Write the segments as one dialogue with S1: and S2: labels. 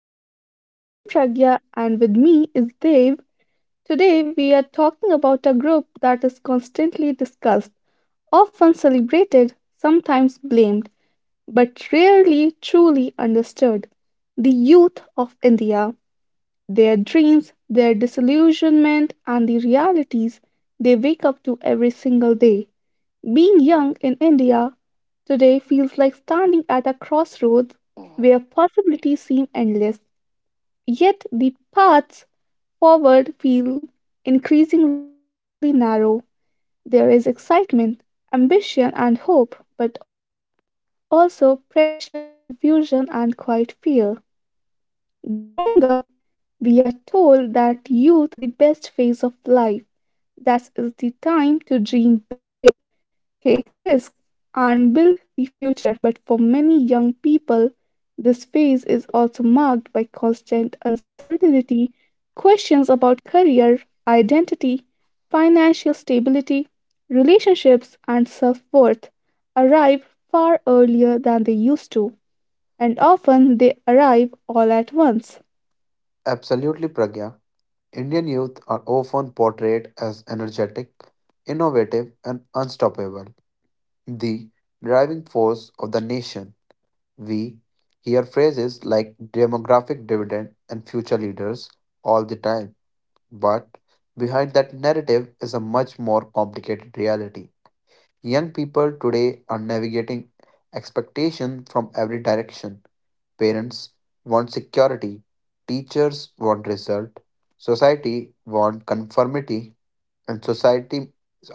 S1: Podcast. I am Pragya and with me is Dave. Today we are talking about a group that is constantly discussed, often celebrated, sometimes blamed, but rarely truly understood. The youth of India, their dreams, their disillusionment, and the realities they wake up to every single day. Being young in India today feels like standing at a crossroads where possibilities seem endless. Yet the paths forward feel increasingly narrow. There is excitement, ambition, and hope, but also pressure, confusion, and quiet fear. Growing up, we are told that youth is the best phase of life, that is the time to dream big, take risks, and build the future. But for many young people, this phase is also marked by constant uncertainty, questions about career, identity, financial stability, relationships, and self worth arrive far earlier than they used to, and often they arrive all at once.
S2: Absolutely, Pragya. Indian youth are often portrayed as energetic, innovative, and unstoppable, the driving force of the nation. We hear phrases like demographic dividend and future leaders all the time, but behind that narrative is a much more complicated reality. Young people today are navigating expectation from every direction. Parents want security, teachers want result, society want conformity, and society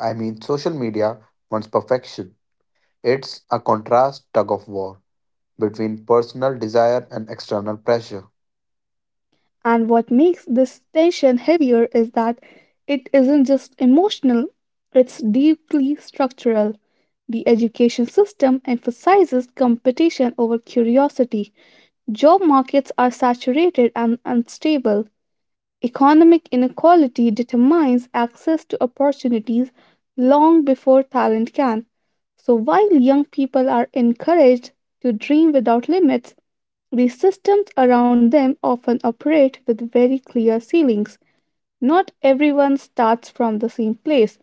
S2: I mean social media wants perfection. It's a contrast tug of war between personal desire and external pressure.
S1: And what makes this tension heavier is that it isn't just emotional, it's deeply structural. The education system emphasizes competition over curiosity. Job markets are saturated and unstable. Economic inequality determines access to opportunities long before talent can. So, while young people are encouraged to dream without limits, the systems around them often operate with very clear ceilings. Not everyone starts from the same place,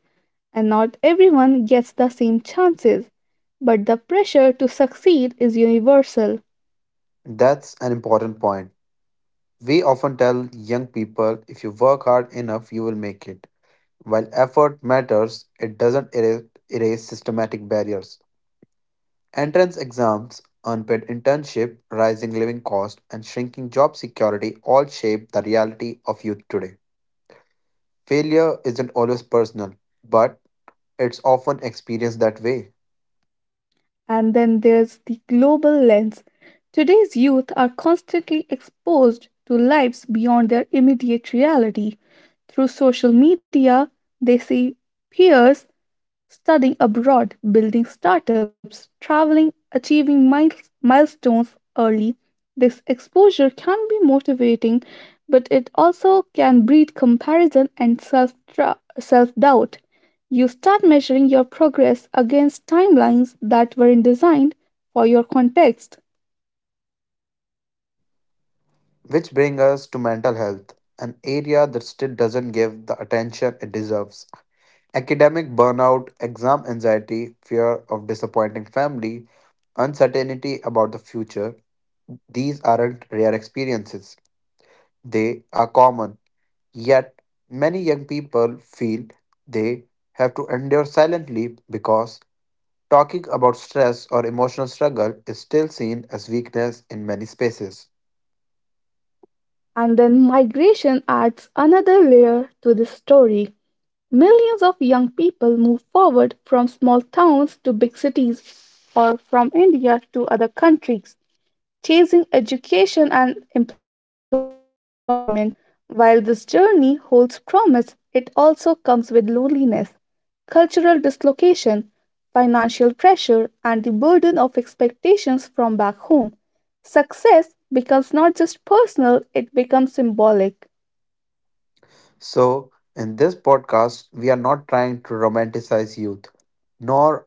S1: and not everyone gets the same chances. But the pressure to succeed is universal.
S2: That's an important point. We often tell young people if you work hard enough, you will make it. While effort matters, it doesn't erase systematic barriers. Entrance exams, unpaid internship, rising living costs, and shrinking job security all shape the reality of youth today. Failure isn't always personal, but it's often experienced that way.
S1: And then there's the global lens. Today's youth are constantly exposed to lives beyond their immediate reality. Through social media, they see peers studying abroad, building startups, traveling, achieving milestones early. This exposure can be motivating, but it also can breed comparison and self doubt. You start measuring your progress against timelines that weren't designed for your context.
S2: Which brings us to mental health, an area that still doesn't give the attention it deserves. Academic burnout, exam anxiety, fear of disappointing family, uncertainty about the future, these aren't rare experiences. They are common. Yet, many young people feel they have to endure silently because talking about stress or emotional struggle is still seen as weakness in many spaces.
S1: And then migration adds another layer to this story. Millions of young people move forward from small towns to big cities or from India to other countries, chasing education and employment. While this journey holds promise, it also comes with loneliness, cultural dislocation, financial pressure, and the burden of expectations from back home. Success becomes not just personal, it becomes symbolic.
S2: So, in this podcast, we are not trying to romanticize youth, nor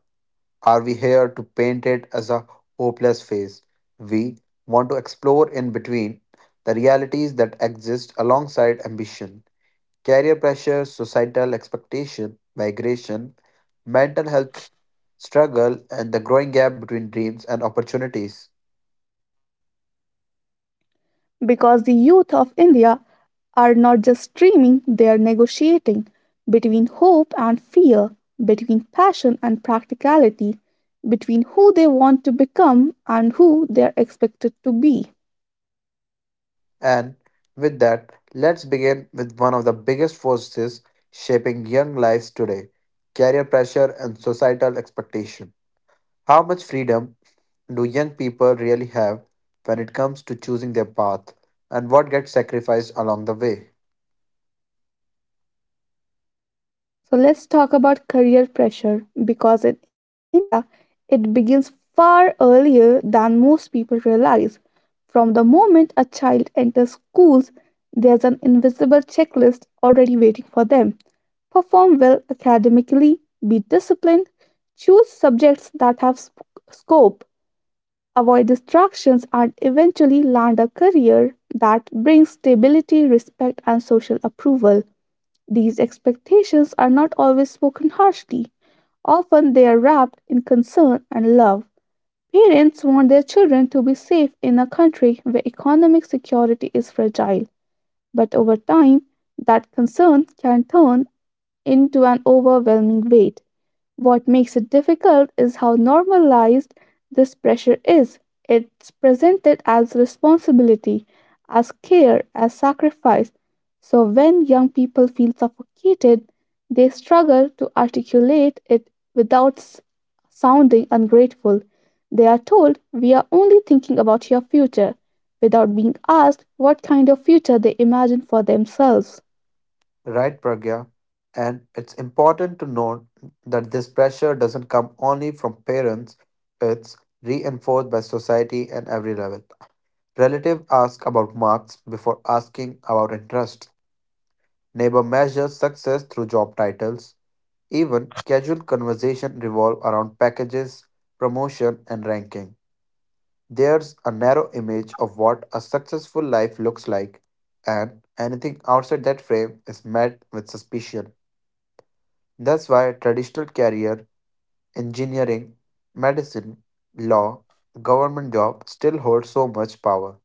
S2: are we here to paint it as a hopeless phase. We want to explore in between the realities that exist alongside ambition. Career pressure, societal expectation, migration, mental health struggle, and the growing gap between dreams and opportunities.
S1: Because the youth of India are not just, they are negotiating between hope and fear, between passion and practicality, between who they want to become and who they are expected to be.
S2: And with that, let's begin with one of the biggest forces shaping young lives today, career pressure and societal expectation. How much freedom do young people really have when it comes to choosing their path, and what gets sacrificed along the way?
S1: So let's talk about career pressure because in India, it begins far earlier than most people realize. From the moment a child enters schools, there's an invisible checklist already waiting for them. Perform well academically, be disciplined, choose subjects that have scope, avoid distractions, and eventually land a career that brings stability, respect, and social approval. These expectations are not always spoken harshly. Often they are wrapped in concern and love. Parents want their children to be safe in a country where economic security is fragile, but over time, that concern can turn into an overwhelming weight. What makes it difficult is how normalized this pressure is. It's presented as responsibility, as care, as sacrifice. So when young people feel suffocated, they struggle to articulate it without sounding ungrateful. They are told, "We are only thinking about your future," without being asked what kind of future they imagine for themselves.
S2: Right, Pragya. And it's important to note that this pressure doesn't come only from parents, it's reinforced by society at every level. Relative ask about marks before asking about interest. Neighbor measures success through job titles. Even casual conversation revolve around packages, promotion, and ranking. There's a narrow image of what a successful life looks like, and anything outside that frame is met with suspicion. That's why traditional career, engineering, medicine, law, government job still hold so much power.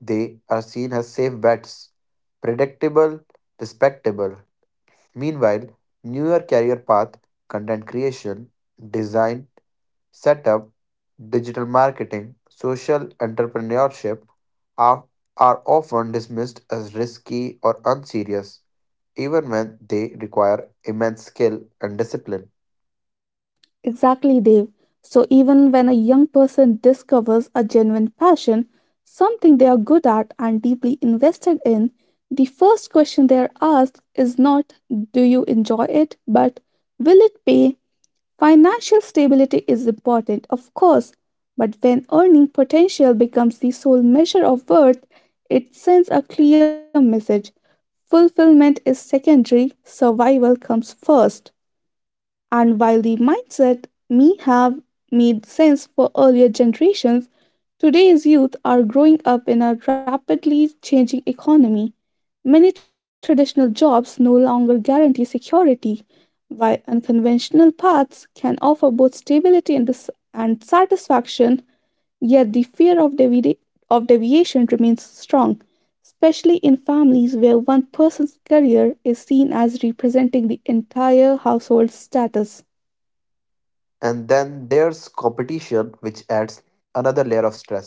S2: They are seen as safe bets, predictable, respectable. Meanwhile, newer career path, content creation, design, setup, digital marketing, social entrepreneurship are, are often dismissed as risky or unserious, even when they require immense skill and discipline.
S1: Exactly, Dave. So, even when a young person discovers a genuine passion, something they are good at and deeply invested in, the first question they are asked is not, "Do you enjoy it?" but, "Will it pay?" Financial stability is important, of course, but when earning potential becomes the sole measure of worth, it sends a clear message. Fulfillment is secondary, survival comes first. And while the mindset may have made sense for earlier generations, today's youth are growing up in a rapidly changing economy. Many traditional jobs no longer guarantee security, while unconventional paths can offer both stability and and satisfaction, yet the fear of of deviation remains strong, especially in families where one person's career is seen as representing the entire household's status.
S2: And then there's competition, which adds another layer of stress.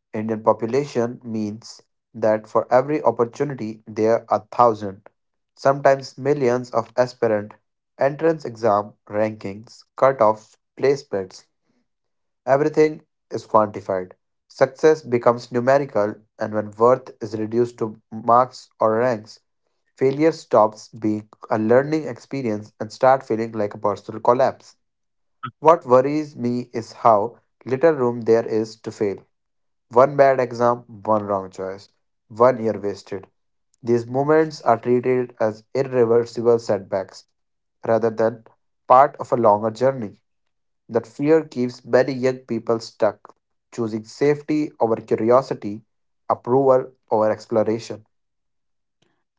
S2: Indian population means that for every opportunity, there are thousand, sometimes millions of aspirant, entrance exam, rankings, cutoffs, placements, everything is quantified. Success becomes numerical, and when worth is reduced to marks or ranks, failure stops being a learning experience and start feeling like a personal collapse. What worries me is how little room there is to fail. One bad exam, one wrong choice, one year wasted. These moments are treated as irreversible setbacks rather than part of a longer journey. That fear keeps many young people stuck, choosing safety over curiosity, approval over exploration,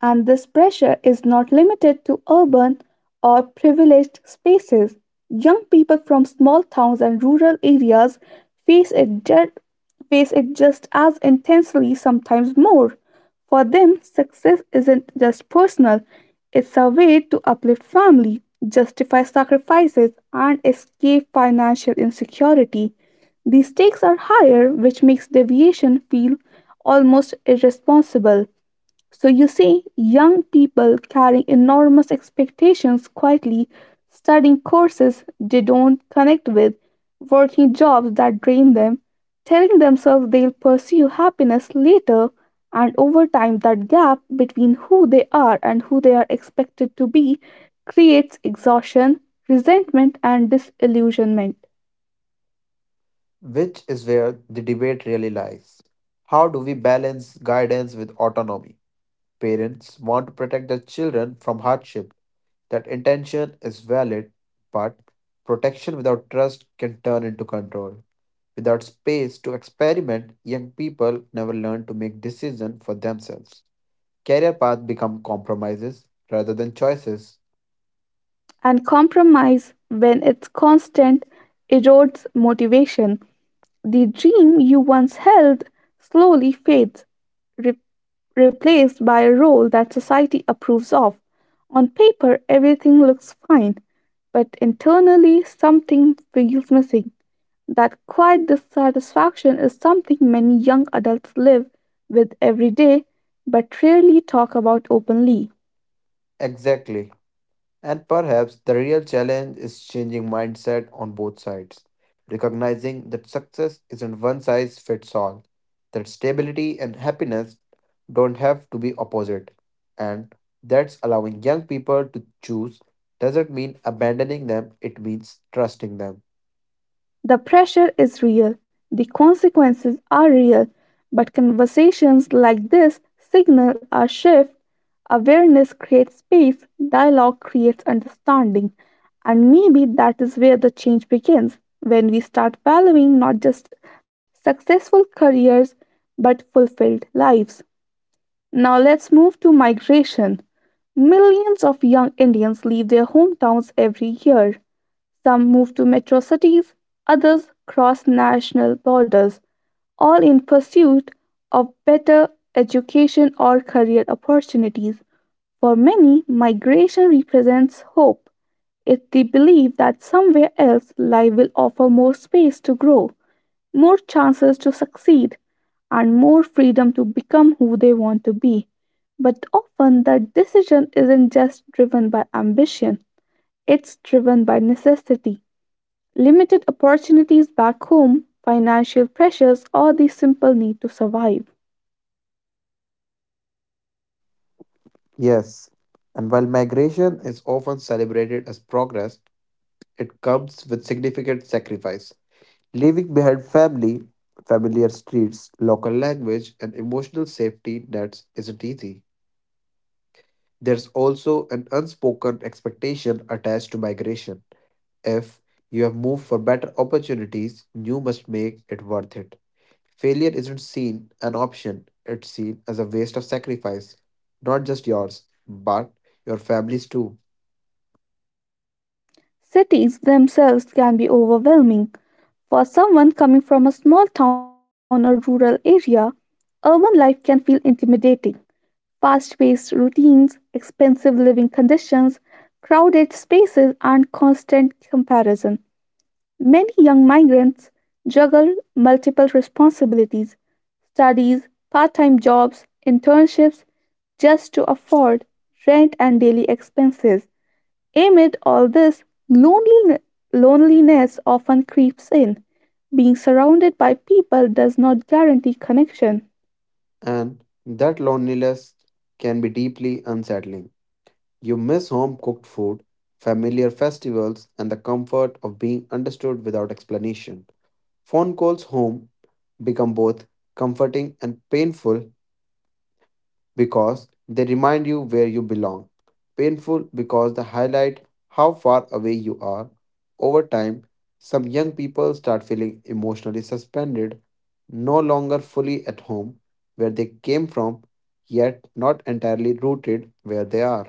S1: And this pressure is not limited to urban or privileged spaces. Young people from small towns and rural areas face it, ju- face it just as intensely, sometimes more. For them, success isn't just personal, it's a way to uplift family, justify sacrifices, and escape financial insecurity. The stakes are higher, which makes deviation feel almost irresponsible. So you see, young people carrying enormous expectations quietly, studying courses they don't connect with, working jobs that drain them, telling themselves they'll pursue happiness later, and over time, that gap between who they are and who they are expected be creates exhaustion, resentment, and disillusionment.
S2: which is where the debate really lies. How do we balance guidance with autonomy? Parents want to protect their children from hardship. That intention is valid, but protection without trust can turn into control. Without space to experiment, young people never learn to make decisions for themselves. Career paths become compromises rather than choices.
S1: And compromise, when it's constant, erodes motivation. The dream you once held slowly fades, re- replaced by a role that society approves of. On paper, everything looks fine, but internally, something feels missing. That quiet dissatisfaction is something many young adults live with every day but rarely talk about openly.
S2: Exactly. And perhaps the real challenge is changing mindset on both sides, recognizing that success isn't one size fits all, that stability and happiness don't have to be opposite, and that's allowing young people to choose doesn't mean abandoning them, it means trusting them.
S1: The pressure is real, the consequences are real, but conversations like this signal a shift. Awareness creates space, dialogue creates understanding, and maybe that is where the change begins, when we start valuing not just successful careers but fulfilled lives. Now let's move to migration. Millions of young Indians leave their hometowns every year. Some move to metro cities, others cross national borders, all in pursuit of better education or career opportunities. For many, migration represents hope. It's the belief that somewhere else life will offer more space to grow, more chances to succeed, and more freedom to become who they want to be. But often that decision isn't just driven by ambition, it's driven by necessity, limited opportunities back home, financial pressures, or the simple need to survive.
S2: Yes, and while migration is often celebrated as progress, it comes with significant sacrifice. Leaving behind family, familiar streets, local language, and emotional safety nets isn't easy. There's also an unspoken expectation attached to migration. If you have moved for better opportunities, you must make it worth it. Failure isn't seen an option, it's seen as a waste of sacrifice, not just yours, but your family's too.
S1: Cities themselves can be overwhelming. For someone coming from a small town or rural area, urban life can feel intimidating. Fast paced routines, expensive living conditions, crowded spaces, and constant comparison. Many young migrants juggle multiple responsibilities, studies, part time jobs, internships, just to afford rent and daily expenses. Amid all this, loneline- loneliness often creeps in. Being surrounded by people does not guarantee connection.
S2: And that loneliness can be deeply unsettling. You miss home cooked food, familiar festivals, and the comfort of being understood without explanation. Phone calls home become both comforting and painful because they remind you where you belong. Painful because they highlight how far away you are. Over time, some young people start feeling emotionally suspended, no longer fully at home where they came from, yet not entirely rooted where they are.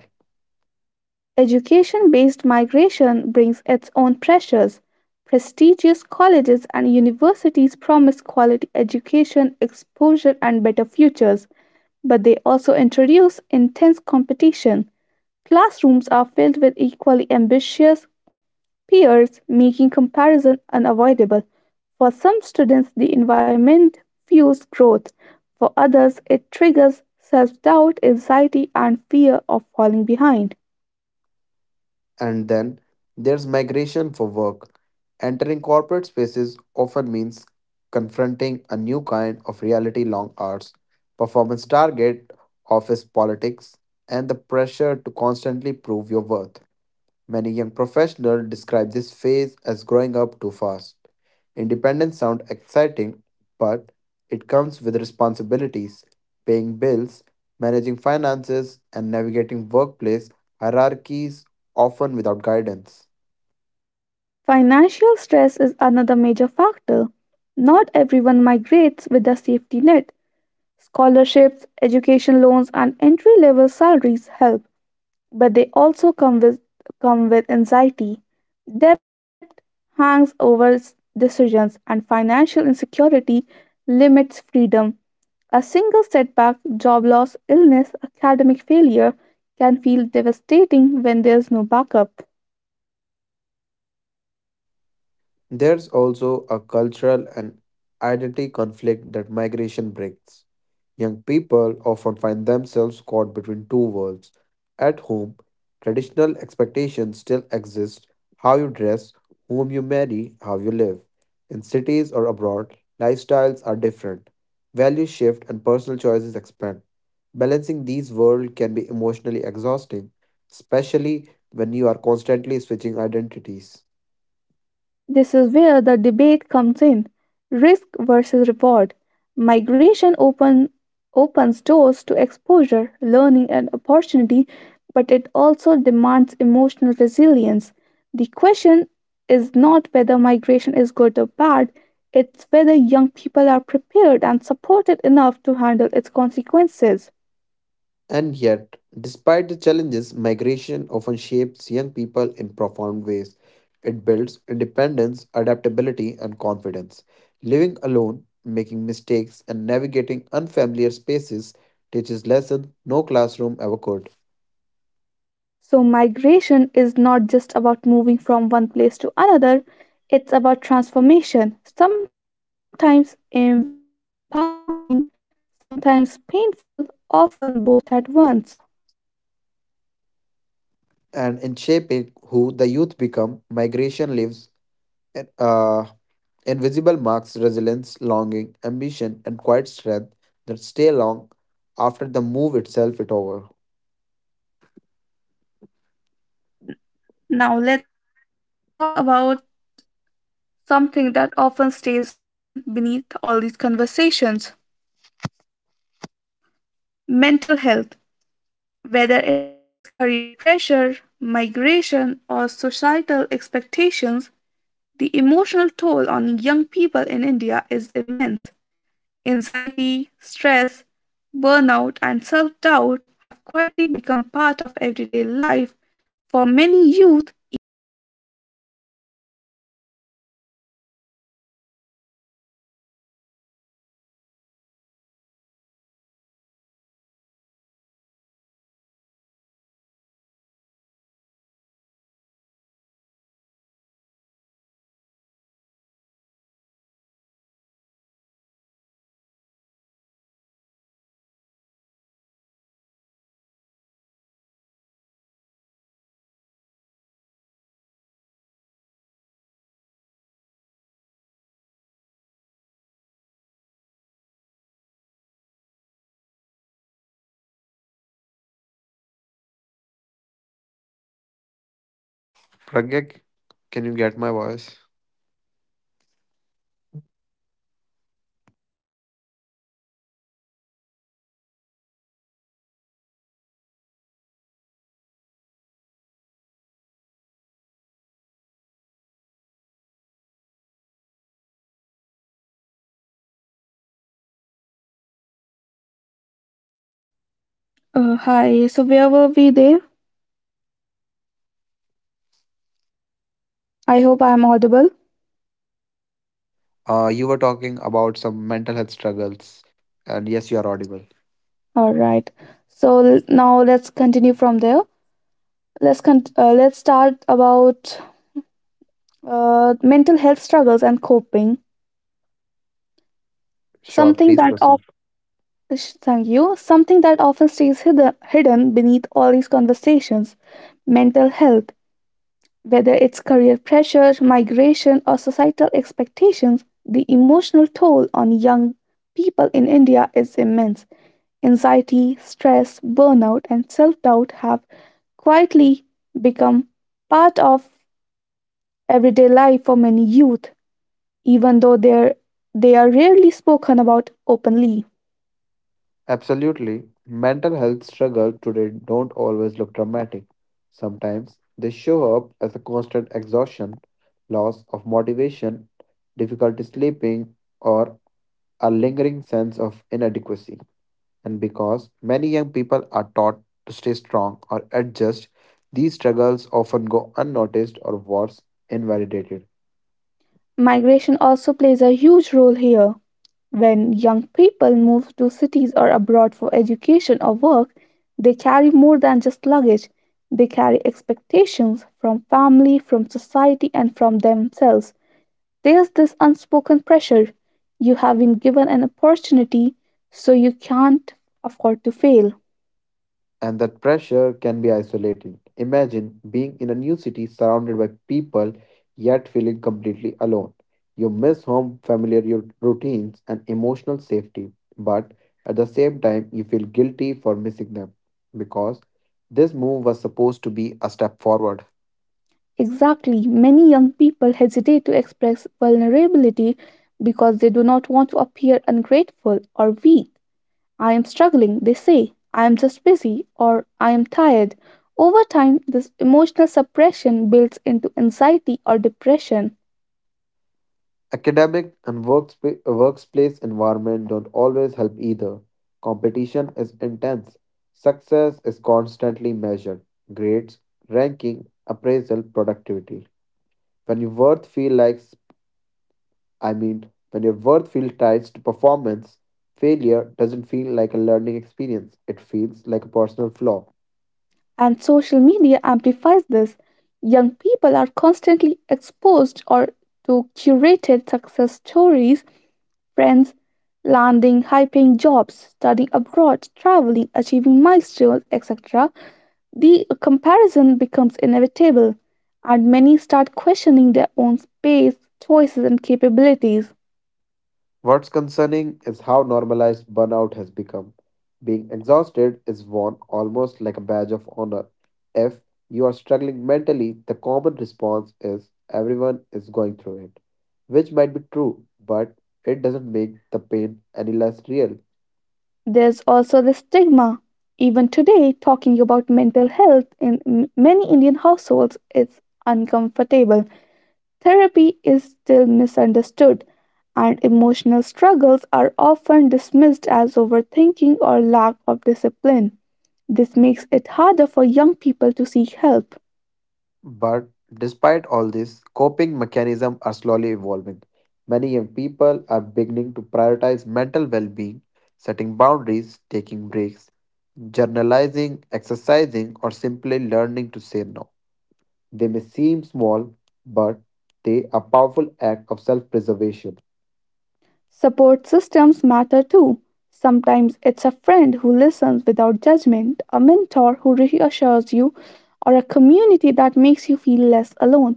S1: Education based migration brings its own pressures. Prestigious colleges and universities promise quality education, exposure, and better futures, but they also introduce intense competition. Classrooms are filled with equally ambitious peers, making comparison unavoidable. For some students, the environment fuels growth. For others, it triggers self doubt, anxiety, and fear of falling behind.
S2: And then there's migration for work. Entering corporate spaces often means confronting a new kind of reality, long hours, performance target, office politics, and the pressure to constantly prove your worth. Many young professionals describe this phase as growing up too fast. Independence sounds exciting, but it comes with responsibilities, paying bills, managing finances, and navigating workplace hierarchies, often without guidance.
S1: Financial stress is another major factor. Not everyone migrates with a safety net. Scholarships, education loans, and entry level salaries help, but they also come with anxiety. Debt hangs over s- decisions, and financial insecurity limits freedom. A single setback, job loss, illness, academic failure can feel devastating when there's no backup.
S2: There's also a cultural and identity conflict that migration brings. Young people often find themselves caught between two worlds. At home, traditional expectations still exist, how you dress, whom you marry, how you live. In cities or abroad, lifestyles are different. Values shift and personal choices expand. Balancing these worlds can be emotionally exhausting, especially when you are constantly switching identities.
S1: This is where the debate comes in, risk versus reward. Migration open, opens doors to exposure, learning, and opportunity, but it also demands emotional resilience. The question is not whether migration is good or bad, it's whether young people are prepared and supported enough to handle its consequences.
S2: And yet, despite the challenges, migration often shapes young people in profound ways. It builds independence, adaptability, and confidence. Living alone, making mistakes, and navigating unfamiliar spaces teaches lessons no classroom ever could.
S1: So, migration is not just about moving from one place to another, it's about transformation, sometimes empowering, sometimes painful, often both at once.
S2: And in shaping who the youth become, migration leaves uh, invisible marks, resilience, longing, ambition, and quiet strength that stay long after the move itself is over.
S1: Now, let's talk about something that often stays hidden beneath all these conversations, mental health. Whether it's career pressure, migration, or societal expectations, the emotional toll on young people in India is immense. Anxiety, stress, burnout, and self doubt have quietly become part of everyday life for many youth, even though they are rarely spoken about openly.
S2: Pragya, can you get my voice?
S1: So where were we there? I hope I am audible.
S2: You were talking about some mental health struggles, and yes, you are audible.
S1: All right. So now let's continue from there. Let's start about mental health struggles and coping.
S2: Sure,
S1: Something
S2: please
S1: that
S2: proceed.
S1: of sh- thank you. Something that often stays hidden beneath all these conversations. Mental health, whether it's career pressure, migration, or societal expectations, the emotional toll on young people in India is immense. Anxiety, stress, burnout, and self doubt have quietly become part of everyday life for many youth, even though they are rarely spoken about openly.
S2: Absolutely. Mental health struggles today don't always look dramatic. Sometimes they show up as a constant exhaustion, loss of motivation, difficulty sleeping, or a lingering sense of inadequacy. And because many young people are taught to stay strong or adjust, these struggles often go unnoticed or worse, invalidated.
S1: Migration also plays a huge role here. When young people move to cities or abroad for education or work, they carry more than just luggage. They carry expectations from family, from society, and from themselves. There's this unspoken pressure. You have been given an opportunity, so you can't afford to fail.
S2: And that pressure can be isolating. Imagine being in a new city surrounded by people yet feeling completely alone. You miss home, routines, and emotional safety, but at the same time, you feel guilty for missing them because this move was supposed to be a step forward.
S1: Exactly. Many young people hesitate to express vulnerability because they do not want to appear ungrateful or weak. "I am struggling," they say. "I am just busy," or "I am tired." Over time, this emotional suppression builds into anxiety or depression.
S2: Academic and workplace environment don't always help either. Competition is intense. Success is constantly measured. Grades, ranking, appraisal, productivity. When your worth feel like when your worth feels tied to performance, failure doesn't feel like a learning experience. It feels like a personal flaw.
S1: And social media amplifies this. Young people are constantly exposed or to curated success stories, friends landing high paying jobs, studying abroad, traveling, achieving milestones, etc. The comparison becomes inevitable, and many start questioning their own space, choices, and capabilities.
S2: What's concerning is how normalized burnout has become. Being exhausted is worn almost like a badge of honor. If you are struggling mentally, the common response is everyone is going through it, which might be true, but it doesn't make the pain any less real.
S1: There's also the stigma. Even today, talking about mental health in many Indian households is uncomfortable. Therapy is still misunderstood, and emotional struggles are often dismissed as overthinking or lack of discipline. This makes it harder for young people to seek help.
S2: But despite all this, coping mechanisms are slowly evolving. Many young people are beginning to prioritize mental well being, setting boundaries, taking breaks, journalizing, exercising, or simply learning to say no. They may seem small, but they are powerful act of self-preservation.
S1: Support systems matter too. Sometimes it's a friend who listens without judgment, a mentor who reassures you, or a community that makes you feel less alone.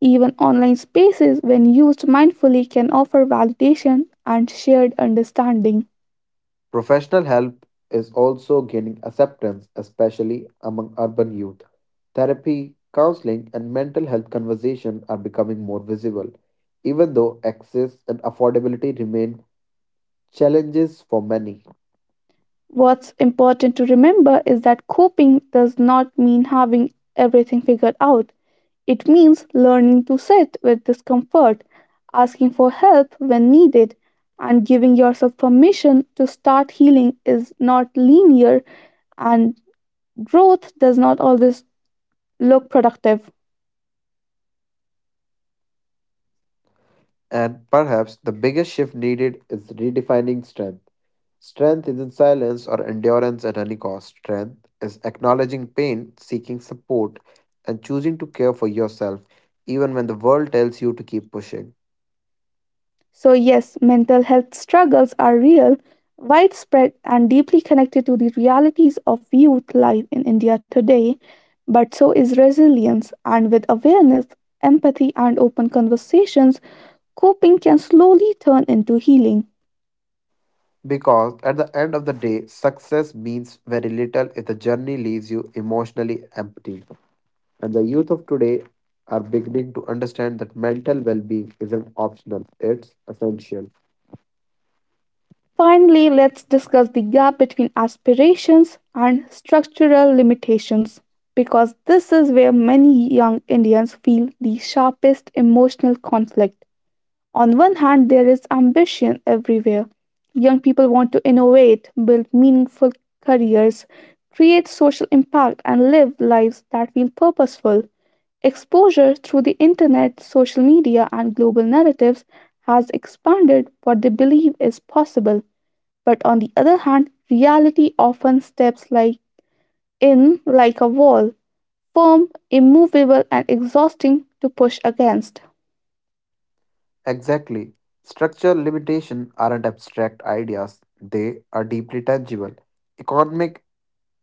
S1: Even online spaces, when used mindfully, can offer validation and shared understanding.
S2: Professional help is also gaining acceptance, especially among urban youth. Therapy, counseling, and mental health conversation are becoming more visible, even though access and affordability remain challenges for many.
S1: What's important to remember is that coping does not mean having everything figured out. It means learning to sit with discomfort, asking for help when needed, and giving yourself permission to start healing is not linear and growth does not always look productive.
S2: And perhaps the biggest shift needed is redefining strength. Strength isn't silence or endurance at any cost. Strength is acknowledging pain, seeking support, and choosing to care for yourself even when the world tells you to keep pushing.
S1: So, yes, mental health struggles are real, widespread, and deeply connected to the realities of youth life in India today, but so is resilience. And with awareness, empathy, and open conversations, coping can slowly turn into healing.
S2: Because at the end of the day, success means very little if the journey leaves you emotionally empty. And the youth of today are beginning to understand that mental well being isn't optional, it's essential.
S1: Finally, let's discuss the gap between aspirations and structural limitations because this is where many young Indians feel the sharpest emotional conflict. On one hand, there is ambition everywhere. Young people want to innovate, build meaningful careers, create social impact, and live lives that feel purposeful. Exposure through the internet, social media, and global narratives has expanded what they believe is possible. But on the other hand, reality often steps in like a wall, firm, immovable, and exhausting to push against.
S2: Exactly. Structural limitation aren't abstract ideas, they are deeply tangible. Economic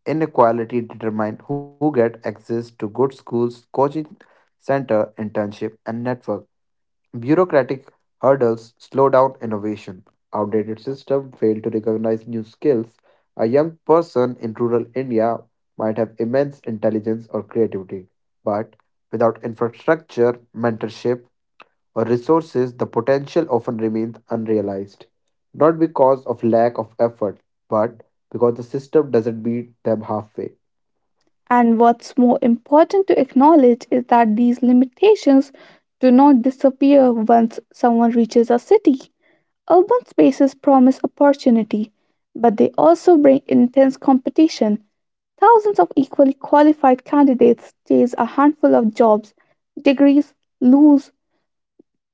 S2: Inequality determine who get access to good schools, coaching center, internship, and network. Bureaucratic hurdles slow down innovation. Outdated system fail to recognize new skills. A young person in rural India might have immense intelligence or creativity, but without infrastructure, mentorship, or resources, the potential often remains unrealized. Not because of lack of effort, but because the system doesn't meet them halfway.
S1: And what's more important to acknowledge is that these limitations do not disappear once someone reaches a city. Urban spaces promise opportunity, but they also bring intense competition. Thousands of equally qualified candidates chase a handful of jobs, degrees, lose,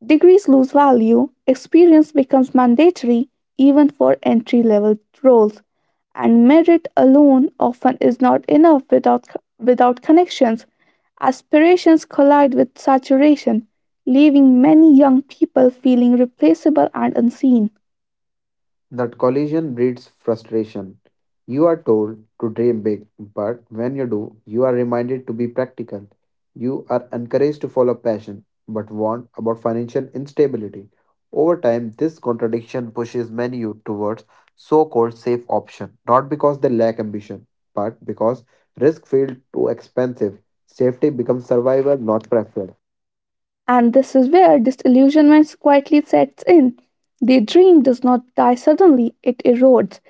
S1: degrees lose value, experience becomes mandatory even for entry level roles, and merit alone often is not enough without connections. Aspirations collide with saturation, leaving many young people feeling replaceable and unseen.
S2: That collision breeds frustration. You are told to dream big, but when you do, you are reminded to be practical. You are encouraged to follow passion, but warned about financial instability. Over time, this contradiction pushes many youth towards so called safe option, not because they lack ambition, but because risk feels too expensive. Safety becomes survival, not preference.
S1: And this is where disillusionment quietly sets in. The dream does not die suddenly, it erodes.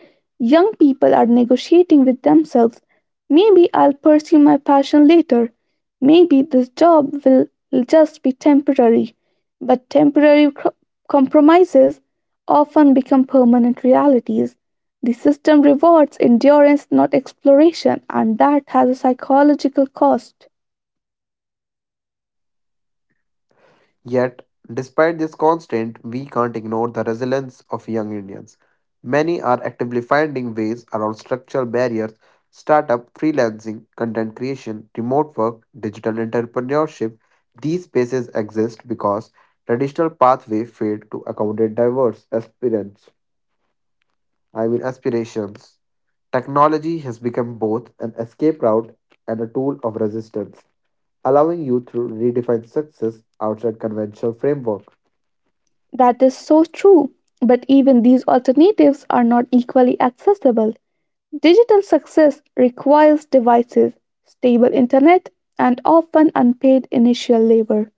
S1: Young people are negotiating with themselves. Maybe I'll pursue my passion later. Maybe this job will just be temporary. But compromises often become permanent realities. The system rewards endurance, not exploration, and that has a psychological cost.
S2: Yet, despite this constant, we can't ignore the resilience of young Indians. Many are actively finding ways around structural barriers, startup, freelancing, content creation, remote work, digital entrepreneurship. These spaces exist because traditional pathways failed to accommodate diverse aspirants, I mean aspirations. Technology has become both an escape route and a tool of resistance, allowing youth to redefine success outside conventional frameworks.
S1: That is so true. But even these alternatives are not equally accessible. Digital success requires devices, stable internet, and often unpaid initial labor.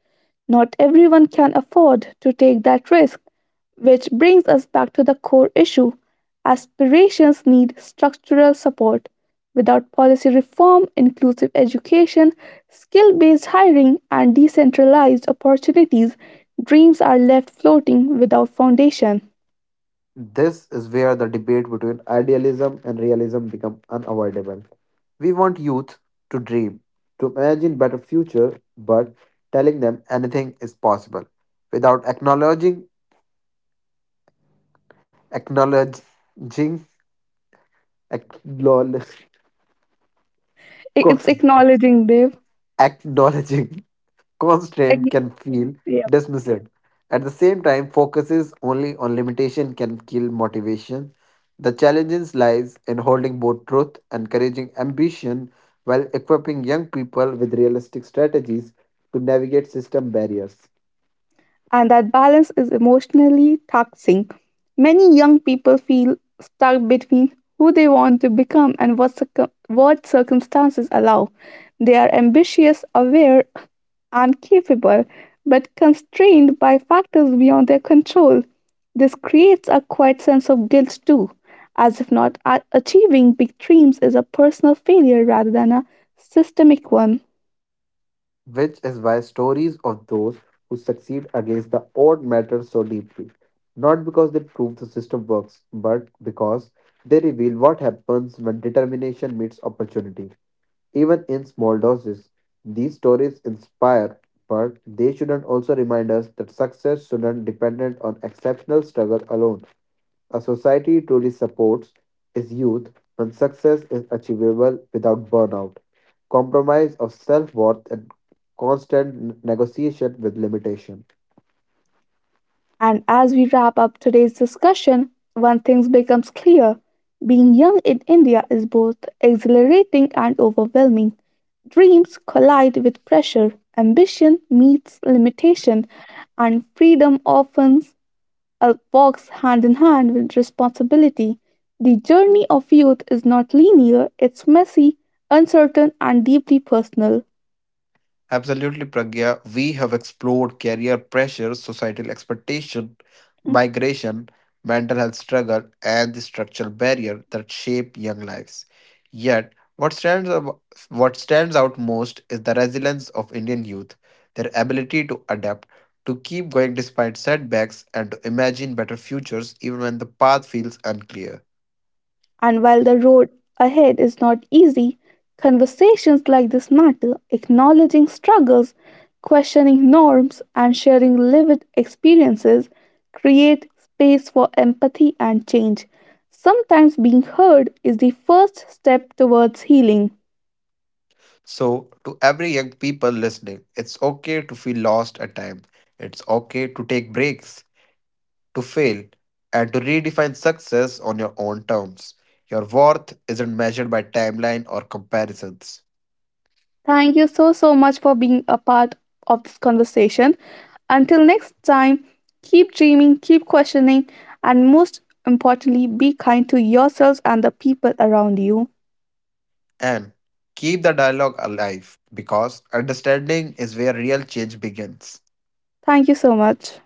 S1: Not everyone can afford to take that risk. Which brings us back to the core issue: aspirations need structural support. Without policy reform, inclusive education, skill based hiring, and decentralized opportunities, dreams are left floating without foundation.
S2: This is where the debate between idealism and realism become unavoidable. We want youth to dream, to imagine better future, but telling them anything is possible without acknowledging, acknowledge,
S1: It's acknowledging, Dev.
S2: acknowledging
S1: Ag-
S2: constraint can feel dismissive. At the same time, focuses only on limitation can kill motivation. The challenge lies in holding both truth and encouraging ambition while equipping young people with realistic strategies to navigate system barriers,
S1: and that balance is emotionally taxing. Many young people feel stuck between who they want to become and what circumstances allow. They are ambitious, aware, and capable, but constrained by factors beyond their control. This creates a quiet sense of guilt too, as if not achieving big dreams is a personal failure rather than a systemic one.
S2: which is why stories of those who succeed against the odd matter so deeply. Not because they prove the system works, but because they reveal what happens when determination meets opportunity. Even in small doses, these stories inspire, but they shouldn't also remind us that success shouldn't depend on exceptional struggle alone. A society truly supports its youth when success is achievable without burnout, compromise of self worth, and constant negotiation with limitation.
S1: And as we wrap up today's discussion, one thing becomes clear: being young in India is both exhilarating and overwhelming. Dreams collide with pressure, ambition meets limitation, and freedom often walks hand in hand with responsibility. The journey of youth is not linear, it's messy, uncertain, and deeply personal.
S2: Absolutely, Pragya. We have explored career pressure, societal expectation, migration, mental health struggle, and the structural barrier that shape young lives. Yet, what stands out most is the resilience of Indian youth, their ability to adapt, to keep going despite setbacks, and to imagine better futures even when the path feels unclear.
S1: And while the road ahead is not easy, conversations like this matter, acknowledging struggles, questioning norms, and sharing lived experiences create space for empathy and change. Sometimes being heard is the first step towards healing.
S2: So, to every young people listening, it's okay to feel lost at times. It's okay to take breaks. To fail and to redefine success on your own terms. Your worth isn't measured by timeline or comparisons.
S1: Thank you so, so much for being a part of this conversation. Until next time, keep dreaming, keep questioning, and most importantly, be kind to yourselves and the people around you.
S2: And keep the dialogue alive because understanding is where real change begins.
S1: Thank you so much.